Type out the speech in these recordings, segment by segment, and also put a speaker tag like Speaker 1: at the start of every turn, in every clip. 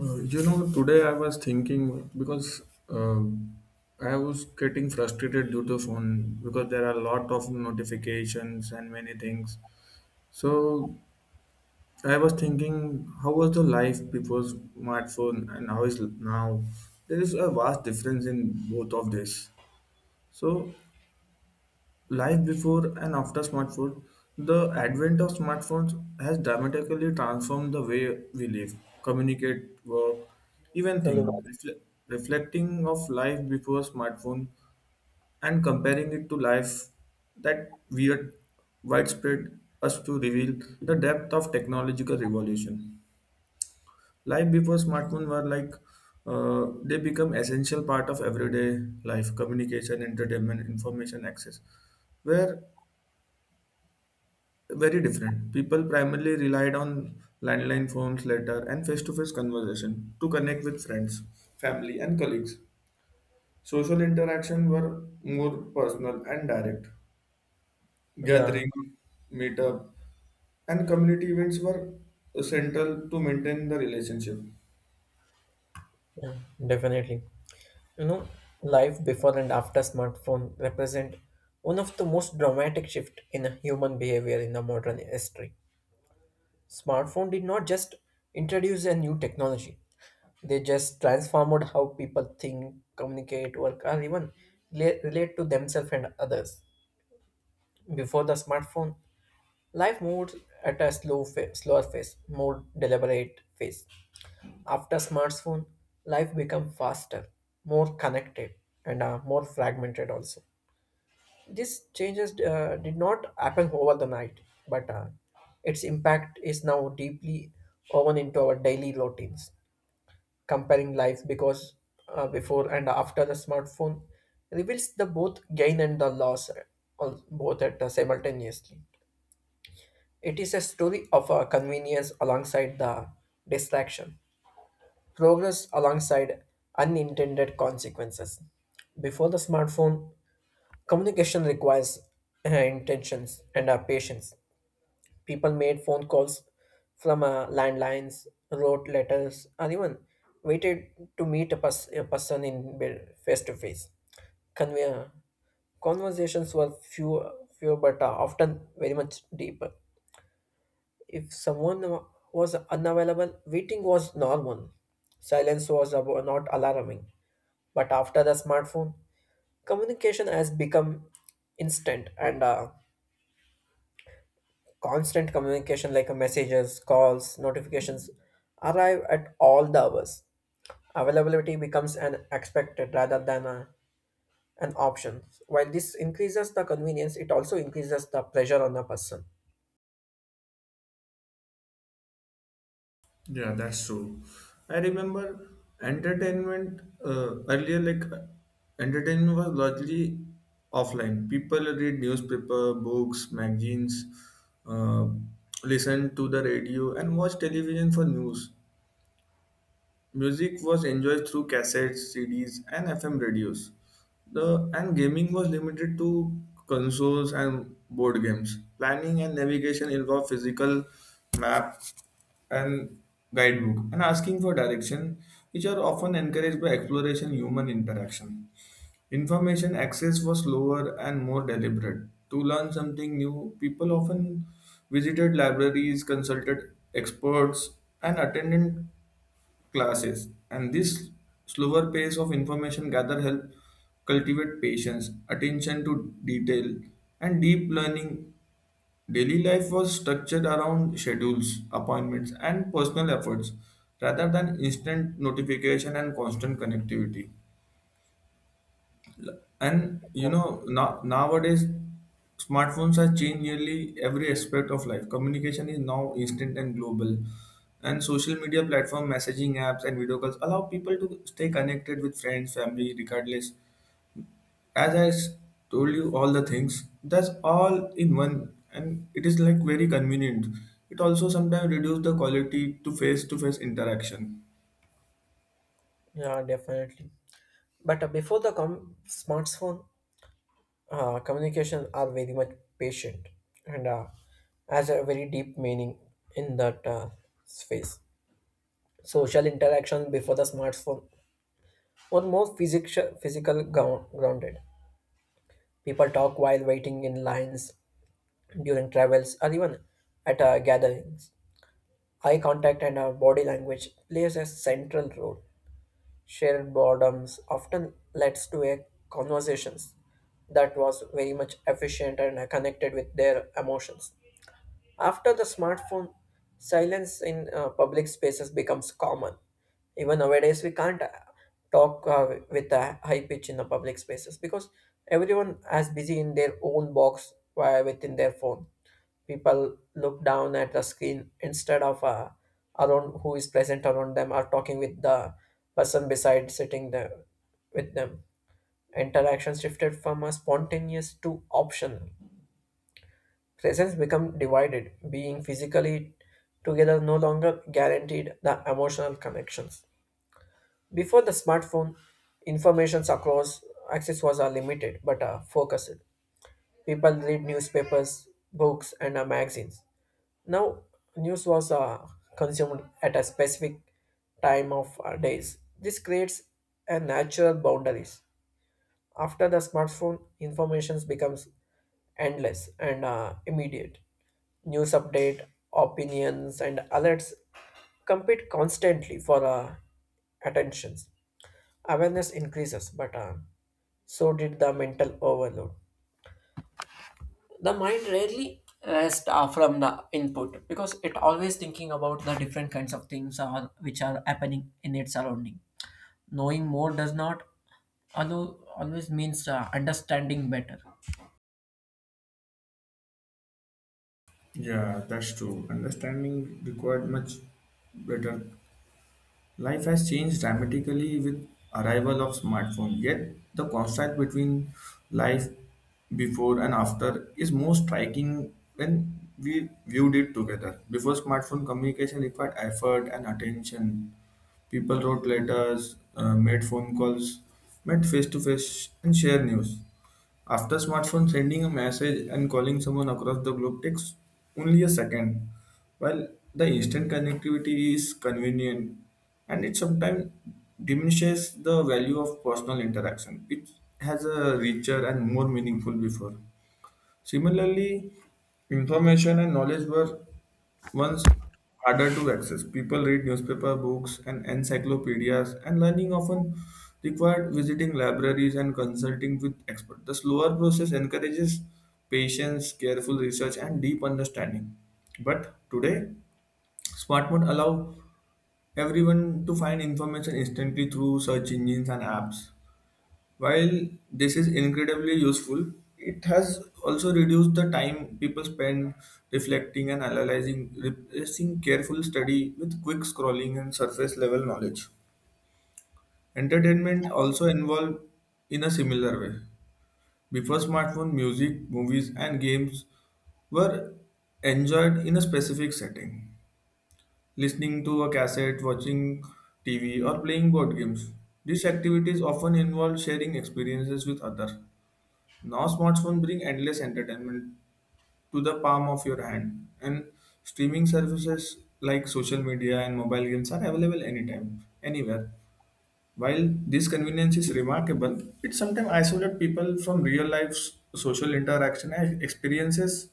Speaker 1: Today I was thinking because uh, I was getting frustrated due to phone because there are a lot of notifications and many things. So I was thinking, how was the life before smartphone and how is now? There is a vast difference in both of this. So, life before and after smartphone, the advent of smartphones has dramatically transformed the way we live, communicate, work, even think.
Speaker 2: Hello.
Speaker 1: Reflecting of life before smartphone and comparing it to life that weird widespread us to reveal the depth of technological revolution. Life before smartphone were like they become essential part of everyday life, communication, entertainment, information access where very different. People primarily relied on landline phones, letter, and face to face conversation to connect with friends, family, and colleagues. Social interaction were more personal and direct.
Speaker 2: Yeah,
Speaker 1: Gathering, meetup, and community events were central to maintain the relationship.
Speaker 2: yeah, definitely. You know, life before and after smartphone represent one of the most dramatic shift in human behavior in the modern history. Smartphone did not just introduce a new technology. They just transformed how people think, communicate, work, or even relate to themselves and others. Before the smartphone, life moved at a slower pace, more deliberate pace. After smartphone, life become faster, more connected, and more fragmented also. These changes did not happen over the night, but its impact is now deeply woven into our daily routines. Comparing life because before and after the smartphone reveals the both gain and the loss, both at simultaneously. It is a story of convenience alongside the distraction, progress alongside unintended consequences. Before the smartphone, communication requires intentions and patience. People made phone calls from landlines, wrote letters, or even waited to meet a person in face to face. Conve- Conversations were few but often very much deeper. If someone was unavailable, waiting was normal. Silence was not alarming. But after the smartphone, communication has become instant and constant communication like messages, calls, notifications arrive at all the hours. Availability becomes an expected rather than an option. While this increases the convenience, it also increases the pressure on a person.
Speaker 1: Yeah, that's true. I remember entertainment earlier, like entertainment was largely offline. People read newspaper, books, magazines, uh, listen to the radio, and watch television for news. Music was enjoyed through cassettes, CDs, and FM radios. The and gaming was limited to consoles and board games. Planning and navigation involved physical map and guidebook and asking for direction, which are often encouraged by exploration human interaction. Information access was slower and more deliberate. To learn something new, people often visited libraries, consulted experts, and attended classes, and this slower pace of information gather help cultivate patience, attention to detail, and deep learning. Daily life was structured around schedules, appointments, and personal efforts rather than instant notification and constant connectivity. And nowadays smartphones have changed nearly every aspect of life. Communication is now instant and global. And social media platform, messaging apps, and video calls allow people to stay connected with friends, family, regardless. As I told you all the things, that's all in one, and it is like very convenient. It also sometimes reduce the quality to face-to-face interaction.
Speaker 2: Yeah, definitely. But before the smartphone, communication are very much patient and has a very deep meaning in that space. Social interaction before the smartphone were more physical, grounded. People talk while waiting in lines, during travels, or even at gatherings. Eye contact and body language plays a central role. Shared boredoms often leads to a conversations that was very much efficient and connected with their emotions. After the smartphone, silence in public spaces becomes common. Even nowadays, we can't talk with a high pitch in the public spaces because everyone is busy in their own box via within their phone. People look down at the screen instead of around who is present around them or talking with the person beside sitting there with them. Interaction shifted from a spontaneous to optional. Presence become divided, being physically together no longer guaranteed the emotional connections. Before the smartphone, informations across access was limited but focused. People read newspapers, books, and magazines. Now, news was consumed at a specific time of days. This creates a natural boundaries. After the smartphone, information becomes endless and immediate. News update, opinions, and alerts compete constantly for attentions. Awareness increases, but so did the mental overload. The mind rarely rests from the input because it always thinking about the different kinds of things are, which are happening in its surrounding. Knowing more does not allow, always means understanding better.
Speaker 1: Yeah, that's true. Understanding required much better. Life has changed dramatically with arrival of smartphone, yet the contrast between life before and after is more striking when we viewed it together. Before smartphone, communication required effort and attention. People wrote letters, made phone calls, met face to face, and shared news. After smartphone, sending a message and calling someone across the globe takes only a second. While the instant connectivity is convenient and it sometimes diminishes the value of personal interaction, it has a richer and more meaningful before. Similarly, information and knowledge were once harder to access. People read newspaper, books, and encyclopedias, and learning often required visiting libraries and consulting with experts. The slower process encourages patience, careful research, and deep understanding. But today, smartphones allow everyone to find information instantly through search engines and apps. While this is incredibly useful, it has also reduced the time people spend reflecting and analyzing, replacing careful study with quick scrolling and surface level knowledge. Entertainment also involved in a similar way. Before smartphone, music, movies, and games were enjoyed in a specific setting, listening to a cassette, watching TV, or playing board games. These activities often involved sharing experiences with others. Now smartphones bring endless entertainment to the palm of your hand, and streaming services like social media and mobile games are available anytime, anywhere. While this convenience is remarkable, it sometimes isolates people from real life social interaction and experiences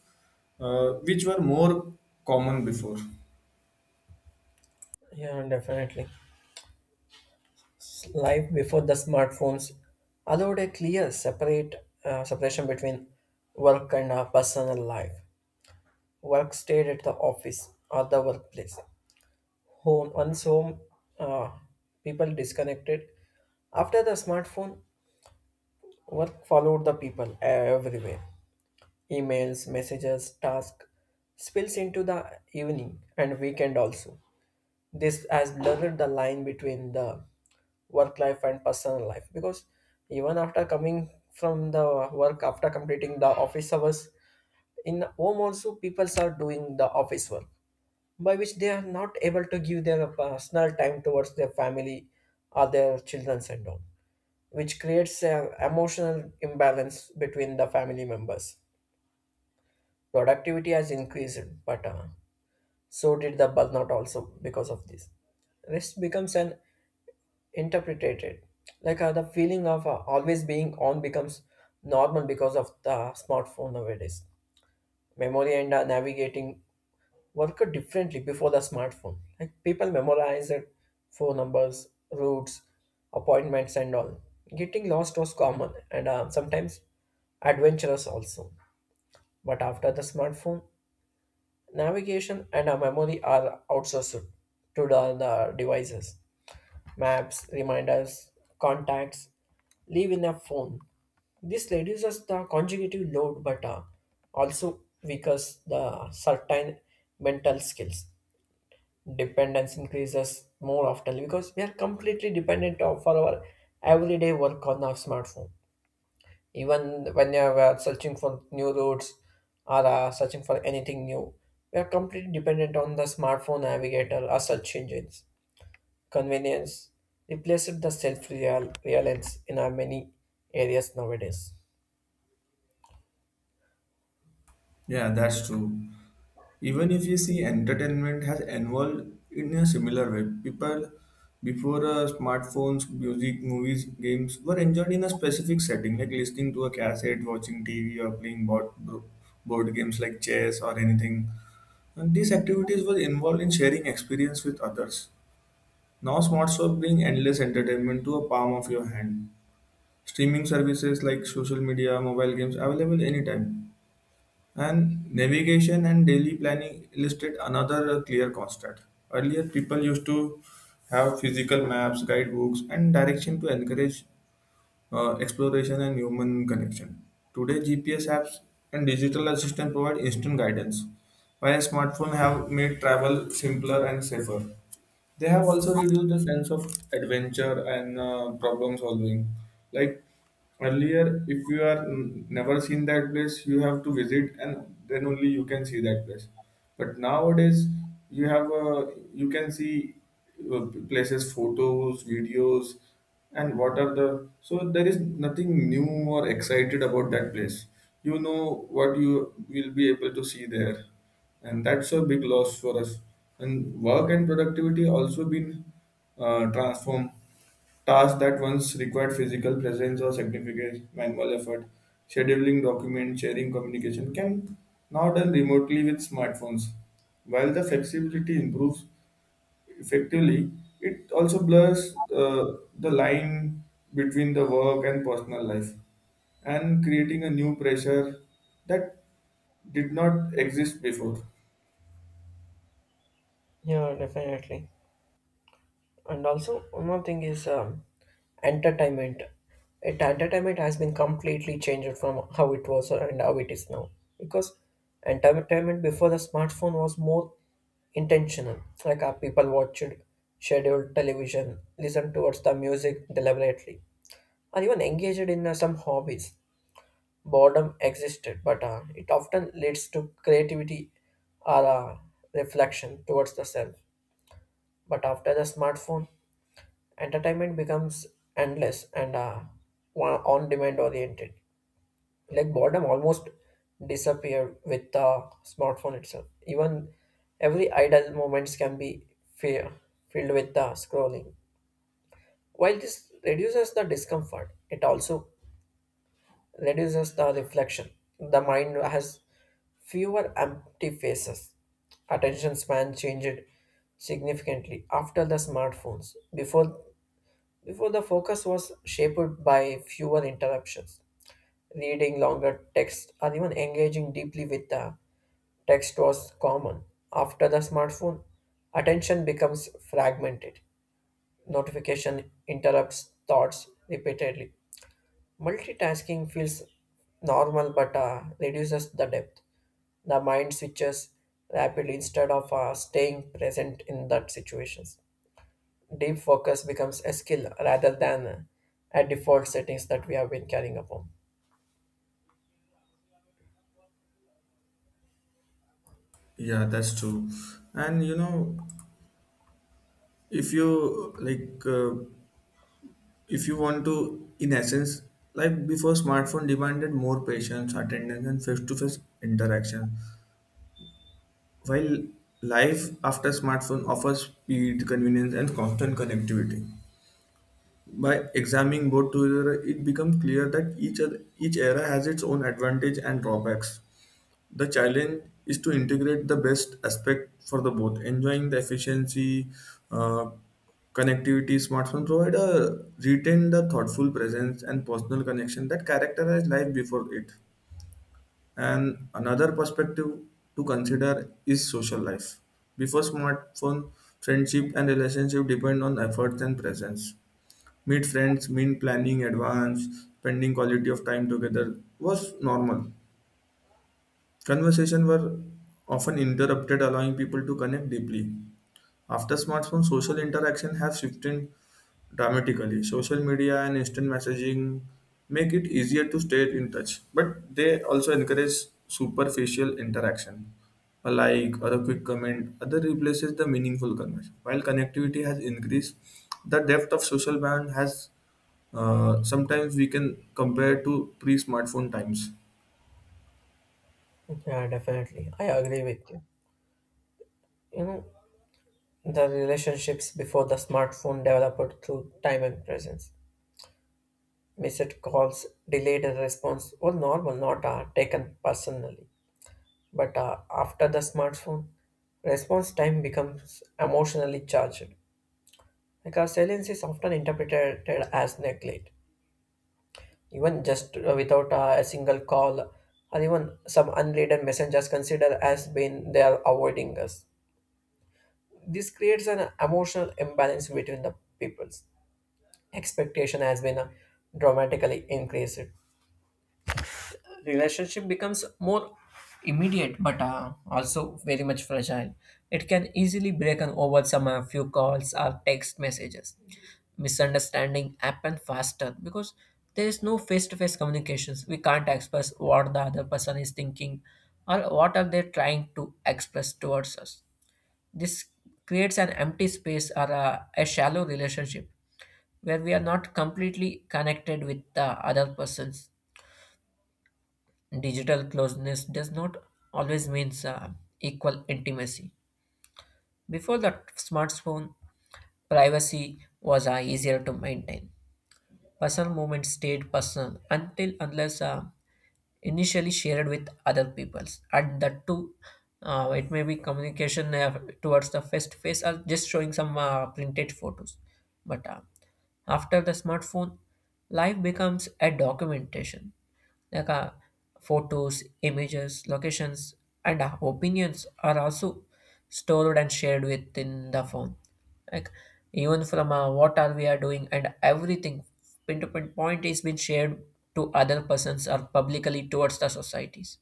Speaker 1: which were more common before.
Speaker 2: Yeah, definitely. Life before the smartphones allowed a clear separate separation between work and personal life. Work stayed at the office or the workplace. Home once home, uh, people disconnected. After the smartphone, work followed the people everywhere. Emails, messages, tasks spills into the evening and weekend also. This has blurred the line between the work life and personal life because even after coming from the work after completing the office hours in home also people are doing the office work by which they are not able to give their personal time towards their family or their children and all, which creates an emotional imbalance between the family members. Productivity has increased, but so did the burnout also because of this. Rest becomes an interpreted like the feeling of always being on becomes normal because of the smartphone nowadays. Memory and navigating worked differently before the smartphone, like people memorized phone numbers, routes, appointments, and all. Getting lost was common and sometimes adventurous also, but after the smartphone navigation and memory are outsourced to the devices. Maps, reminders, contacts live in a phone. This reduces the conjugative load but also weakens the certain mental skills. Dependence increases more often because we are completely dependent of for our everyday work on our smartphone. Even when you are searching for new routes or searching for anything new, we are completely dependent on the smartphone navigator or search engines. Convenience replaced the self-reliance in our many areas nowadays.
Speaker 1: Yeah, that's true. Even if you see entertainment has evolved in a similar way, people before smartphones, music, movies, games were enjoyed in a specific setting, like listening to a cassette, watching TV, or playing board games like chess or anything. And these activities were involved in sharing experience with others. Now, smartphones bring endless entertainment to a palm of your hand. Streaming services like social media, mobile games available anytime. And navigation and daily planning illustrate another clear constant. Earlier, people used to have physical maps, guidebooks, and direction to encourage exploration, and human connection. Today, GPS apps and digital assistant provide instant guidance, while smartphones have made travel simpler and safer. They have also reduced the sense of adventure and problem solving. Like earlier, if you are never seen that place, you have to visit, and then only you can see that place. But nowadays, you have uh, you can see places, photos, videos, and what are the so there is nothing new or excited about that place. You know what you will be able to see there, and that's a big loss for us. And work and productivity also been transformed. Tasks that once required physical presence or significant manual effort, scheduling document sharing, communication can now done remotely with smartphones. While the flexibility improves, effectively, it also blurs the line between the work and personal life and creating a new pressure that did not exist before.
Speaker 2: Yeah, definitely. And also, one more thing is entertainment. It entertainment has been completely changed from how it was and how it is now. Because entertainment before the smartphone was more intentional. Like our people watched scheduled television, listened towards the music deliberately, or even engaged in some hobbies. Boredom existed, but it often leads to creativity or reflection towards the self. But after the smartphone, entertainment becomes endless and on demand oriented. Like boredom almost disappeared with the smartphone itself. Even every idle moments can be fear, filled with the scrolling. While this reduces the discomfort, it also reduces the reflection. The mind has fewer empty faces. Attention span changed significantly after the smartphones. Before the focus was shaped by fewer interruptions. Reading longer text or even engaging deeply with the text was common. After the smartphone, attention becomes fragmented. Notification interrupts thoughts repeatedly. Multitasking feels normal but reduces the depth. The mind switches rapidly instead of staying present in that situations. Deep focus becomes a skill rather than a default settings that we have been carrying upon.
Speaker 1: Yeah, that's true. And you know, if you like, uh, if you want to, in essence, like before, smartphone demanded more patience, attendance, and face-to-face interaction. While life after smartphone offers speed, convenience, and constant connectivity. By examining both together, it becomes clear that each era has its own advantage and drawbacks. The challenge is to integrate the best aspect for the both, enjoying the efficiency, uh, connectivity smartphone provide a retain the thoughtful presence and personal connection that characterize life before it. And another perspective to consider is social life. Before smartphone, friendship and relationship depend on efforts and presence. Meet friends, mean planning advance, spending quality of time together was normal. Conversation were often interrupted, allowing people to connect deeply. After smartphones, social interaction have shifted dramatically. Social media and instant messaging make it easier to stay in touch, but they also encourage superficial interaction. A like or a quick comment, other replaces the meaningful conversation. While connectivity has increased, the depth of social band has sometimes we can compare to pre-smartphone times.
Speaker 2: Yeah, definitely. I agree with you. You know, the relationships before the smartphone developed through time and presence. Missed calls, delayed response were normal, not taken personally. But after the smartphone, response time becomes emotionally charged because silence is often interpreted as neglect. Even just without a single call or even some unread messengers considered as being they are avoiding us. This creates an emotional imbalance between the peoples. Expectation has been dramatically increased. Relationship becomes more immediate but also very much fragile. It can easily break on over some few calls or text messages. Misunderstanding happen faster because there is no face-to-face communications. We can't express what the other person is thinking or what are they trying to express towards us. This creates an empty space or a shallow relationship where we are not completely connected with the other persons. Digital closeness does not always means equal intimacy. Before the smartphone, privacy was easier to maintain. Personal moments stayed personal until unless initially shared with other peoples, and that too it may be communication towards the face to face or just showing some printed photos, but after the smartphone life becomes a documentation, like photos, images, locations, and opinions are also stored and shared within the phone. Like even from what are we are doing and everything pin to pin point is being shared to other persons or publicly towards the societies.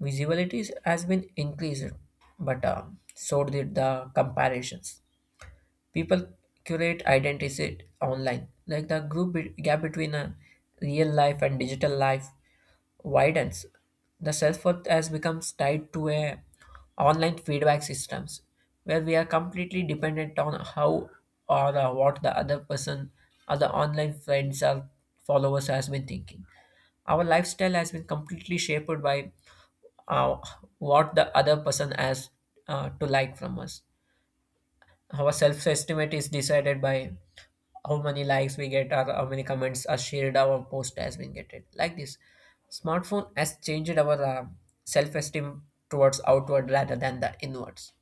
Speaker 2: Visibility has been increased, but so did the comparisons. People curate identities online, like the gap between real life and digital life widens, the self-worth has becomes tied to a online feedback systems where we are completely dependent on how or what the other person or the online friends or followers has been thinking. Our lifestyle has been completely shaped by uh, what the other person has to like from us. Our self-estimate is decided by how many likes we get or how many comments are shared our post has been getting. Like this, smartphone has changed our self-esteem towards outward rather than the inwards.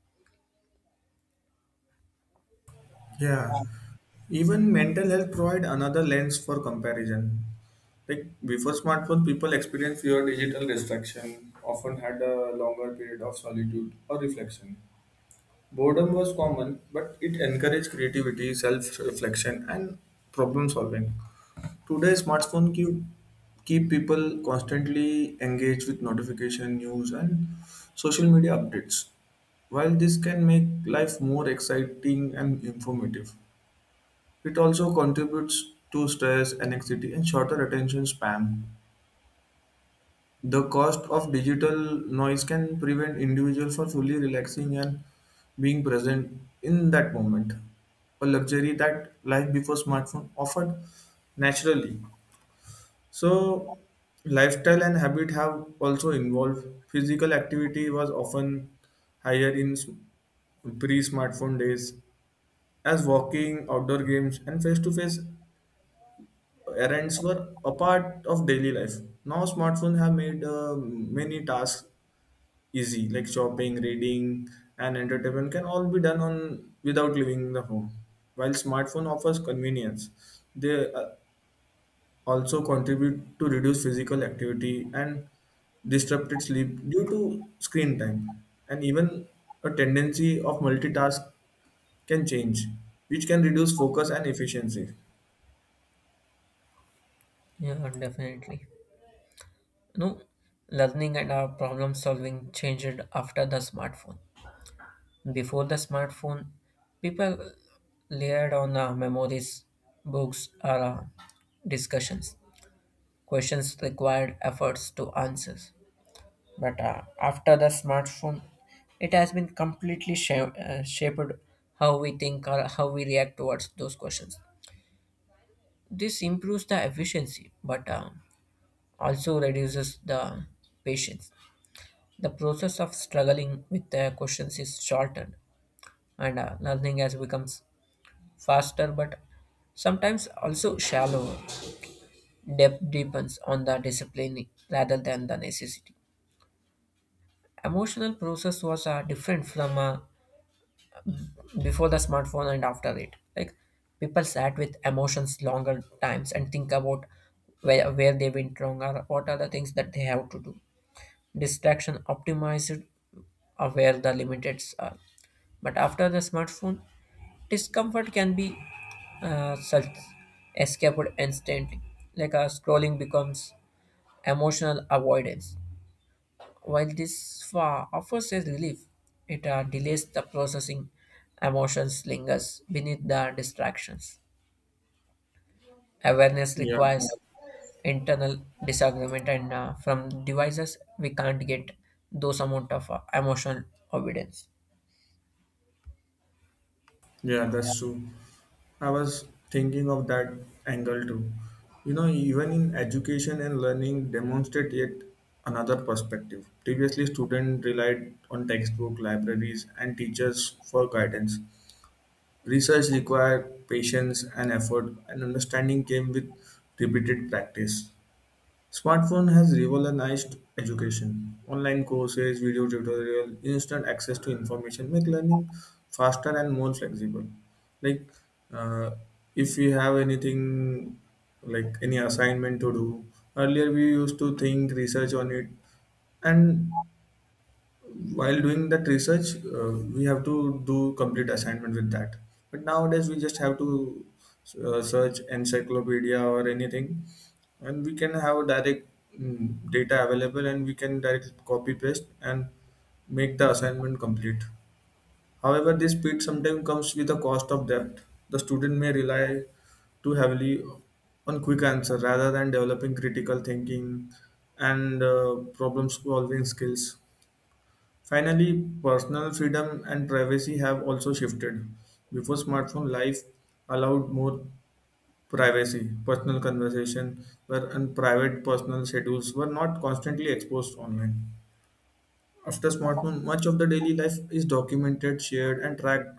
Speaker 1: Yeah, even mental health provide another lens for comparison. Like before smartphone, people experienced fewer digital distraction, often had a longer period of solitude or reflection. Boredom was common, but it encouraged creativity, self-reflection, and problem solving. Today, smartphone keep people constantly engaged with notification, news, and social media updates. While this can make life more exciting and informative. It also contributes to stress, anxiety, and shorter attention span. The cost of digital noise can prevent individuals from fully relaxing and being present in that moment, a luxury that life before smartphone offered naturally. So, lifestyle and habit have also involved. Physical activity was often higher in pre smartphone days, as walking, outdoor games, and face to face errands were a part of daily life. Now smartphones have made many tasks easy, like shopping, reading, and entertainment can all be done on without leaving the home. While smartphone offers convenience, they also contribute to reduce physical activity and disrupted sleep due to screen time. And even a tendency of multitask can change, which can reduce focus and efficiency.
Speaker 2: Yeah, definitely. No, learning and our problem solving changed after the smartphone. Before the smartphone, people layered on memories, books, or discussions. Questions required efforts to answer. But after the smartphone, it has been completely shaped how we think or how we react towards those questions. This improves the efficiency, but also reduces the patience. The process of struggling with the questions is shortened, and learning has becomes faster, but sometimes also shallower. Depth depends on the discipline rather than the necessity. Emotional process was different from a before the smartphone and after it, like people sat with emotions longer times and think about where they went wrong or what are the things that they have to do. Distraction optimized are where the limits are, but after the smartphone discomfort can be self escaped instantly, like a scrolling becomes emotional avoidance. While this offers a relief, it delays the processing. Emotions lingers beneath the distractions. Awareness
Speaker 1: Yeah,
Speaker 2: requires internal disagreement, and from devices we can't get those amount of emotional evidence.
Speaker 1: yeah, that's true. I was thinking of that angle too. You know, even in education and learning, demonstrate yet another perspective. Previously, students relied on textbook, libraries, and teachers for guidance. Research required patience and effort, and understanding came with repeated practice. Smartphone has revolutionized education. Online courses, video tutorial, instant access to information make learning faster and more flexible. Like uh, if we have anything like any assignment to do, earlier we used to think, research on it, and while doing that research uh, we have to do complete assignment with that, but nowadays we just have to search encyclopedia or anything, and we can have direct data available, and we can direct copy paste and make the assignment complete. However, this speed sometimes comes with a cost of that the student may rely too heavily on quick answer rather than developing critical thinking and problem solving skills. Finally, personal freedom and privacy have also shifted. Before smartphone, life allowed more privacy. Personal conversation were and private personal schedules were not constantly exposed online. After smartphone, much of the daily life is documented, shared, and tracked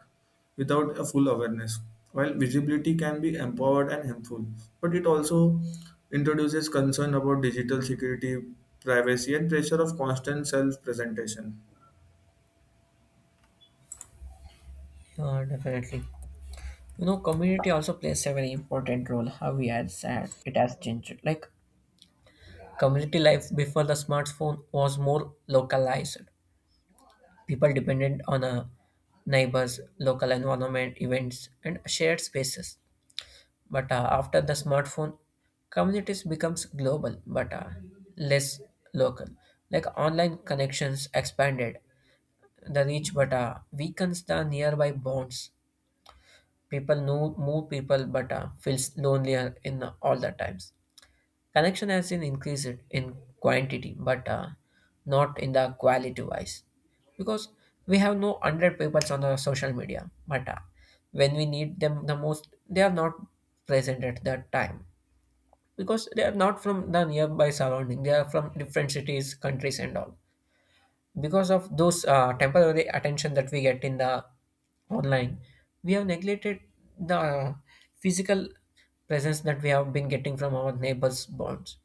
Speaker 1: without a full awareness. While visibility can be empowered and helpful, but it also introduces concern about digital security, privacy, and pressure of constant self-presentation.
Speaker 2: Yeah, definitely. You know, community also plays a very important role. How we had said it has changed. Like community life before the smartphone was more localized. People depended on neighbors, local environment, events, and shared spaces. But after the smartphone, communities becomes global but less local. Like online connections expanded the reach, but weakens the nearby bonds. People know more people, but feels lonelier in all the times. Connection has been increased in quantity, but not in the quality wise. Because we have no 100 people on the social media, but when we need them the most, they are not present at that time. Because they are not from the nearby surrounding, they are from different cities, countries, and all. Because of those temporary attention that we get in the online, we have neglected the physical presence that we have been getting from our neighbors' bonds.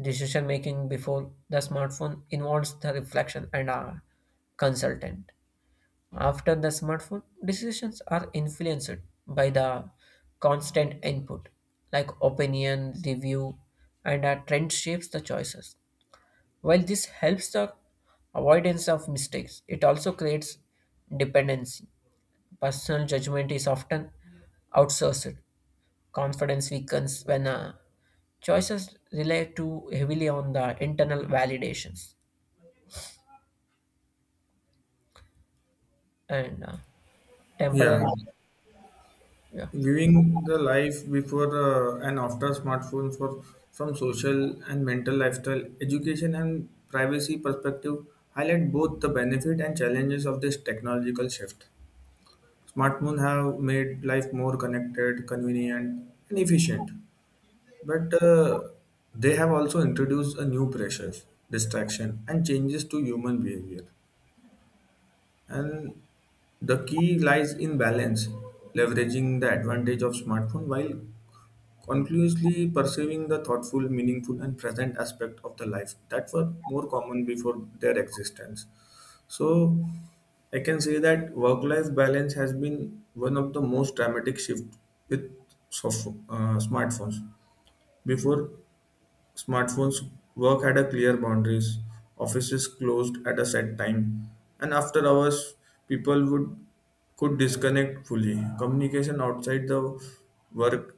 Speaker 2: Decision making before the smartphone involves the reflection and a consultant. After the smartphone, decisions are influenced by the constant input like opinion, review, and a trend shapes the choices. While this helps the avoidance of mistakes, it also creates dependency. Personal judgment is often outsourced. Confidence weakens when choices rely too heavily on the internal validations and temporary.
Speaker 1: Yeah.
Speaker 2: Yeah.
Speaker 1: Viewing the life before and after smartphones for from social and mental lifestyle, education and privacy perspective highlight both the benefit and challenges of this technological shift. Smartphones have made life more connected, convenient, and efficient, but they have also introduced a new pressures, distraction, and changes to human behavior. And the key lies in balance, leveraging the advantage of smartphone while conclusively perceiving the thoughtful, meaningful, and present aspect of the life that were more common before their existence. So, I can say that work-life balance has been one of the most dramatic shift with smartphones. Before smartphones, work had a clear boundaries. Offices closed at a set time, and after hours, people would could disconnect fully. Communication outside the work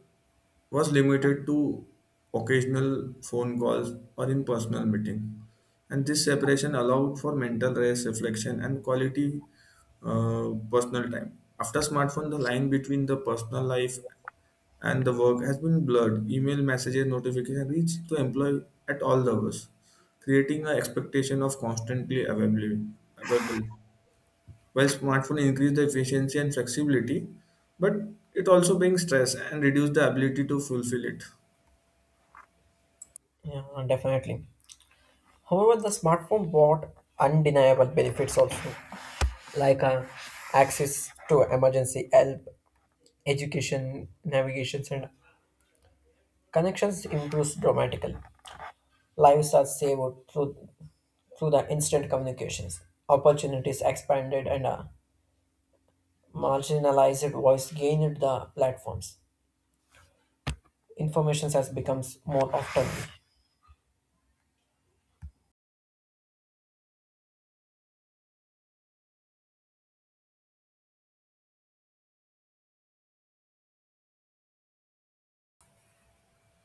Speaker 1: was limited to occasional phone calls or in personal meeting. And this separation allowed for mental rest, reflection, and quality personal time. After smartphone, the line between the personal life and the work has been blurred. Email messages, notification reach to employee at all levels, creating an expectation of constantly available. While smartphone increase the efficiency and flexibility, but it also brings stress and reduce the ability to fulfill it.
Speaker 2: Yeah, definitely. However, the smartphone brought undeniable benefits also, like access to emergency help, education, navigations, and connections improves dramatically. Lives are saved through the instant communications. Opportunities expanded and marginalized voice gained the platforms. Information has becomes more often.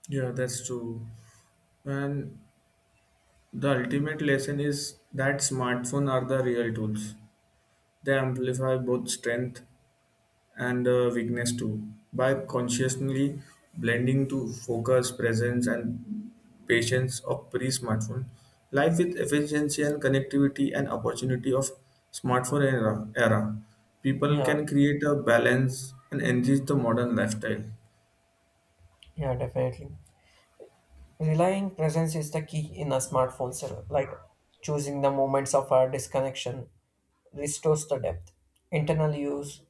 Speaker 1: Yeah, that's true. And the ultimate lesson is that smartphones are the real tools. They amplify both strength and weakness too. By consciously blending to focus, presence, and patience of pre-smartphone, life with efficiency and connectivity and opportunity of smartphone era, people
Speaker 2: Yeah,
Speaker 1: can create a balance and enrich the modern lifestyle.
Speaker 2: yeah, definitely. Relying presence is the key in a smartphone setup, like choosing the moments of our disconnection restores the depth. Internal use,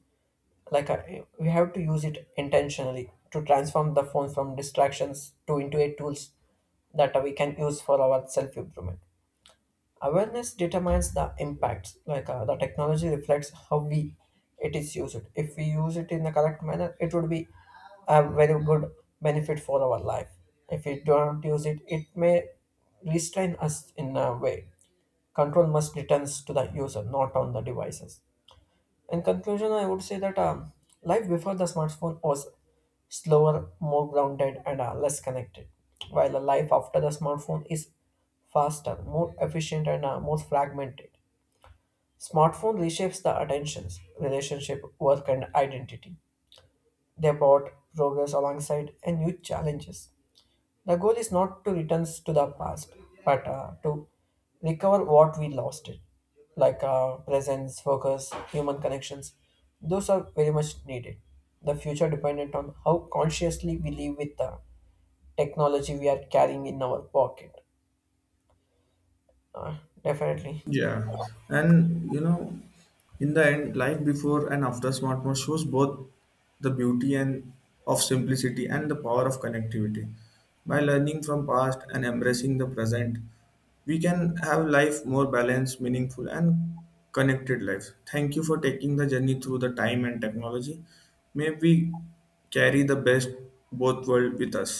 Speaker 2: like we have to use it intentionally to transform the phone from distractions to into a tools that we can use for our self improvement. Awareness determines the impacts, like the technology reflects how we it is used. If we use it in the correct manner it would be a very good benefit for our life. If we don't use it it may restrain us in a way. Control must return to the user, not on the devices. In conclusion, I would say that life before the smartphone was slower, more grounded, and are less connected. While the life after the smartphone is faster, more efficient, and more fragmented. Smartphone reshapes the attentions, relationship, work, and identity. They brought progress alongside and new challenges. The goal is not to return to the past, but to recover what we lost it, like presence, focus, human connections. Those are very much needed. The future dependent on how consciously we live with the technology we are carrying in our pocket. Uh, Definitely.
Speaker 1: Yeah, and in the end, life before and after smartphone shows both the beauty and of simplicity and the power of connectivity. By learning from past and embracing the present, we can have life more balanced, meaningful, and connected life. Thank you for taking the journey through the time and technology. May we carry the best both world with us.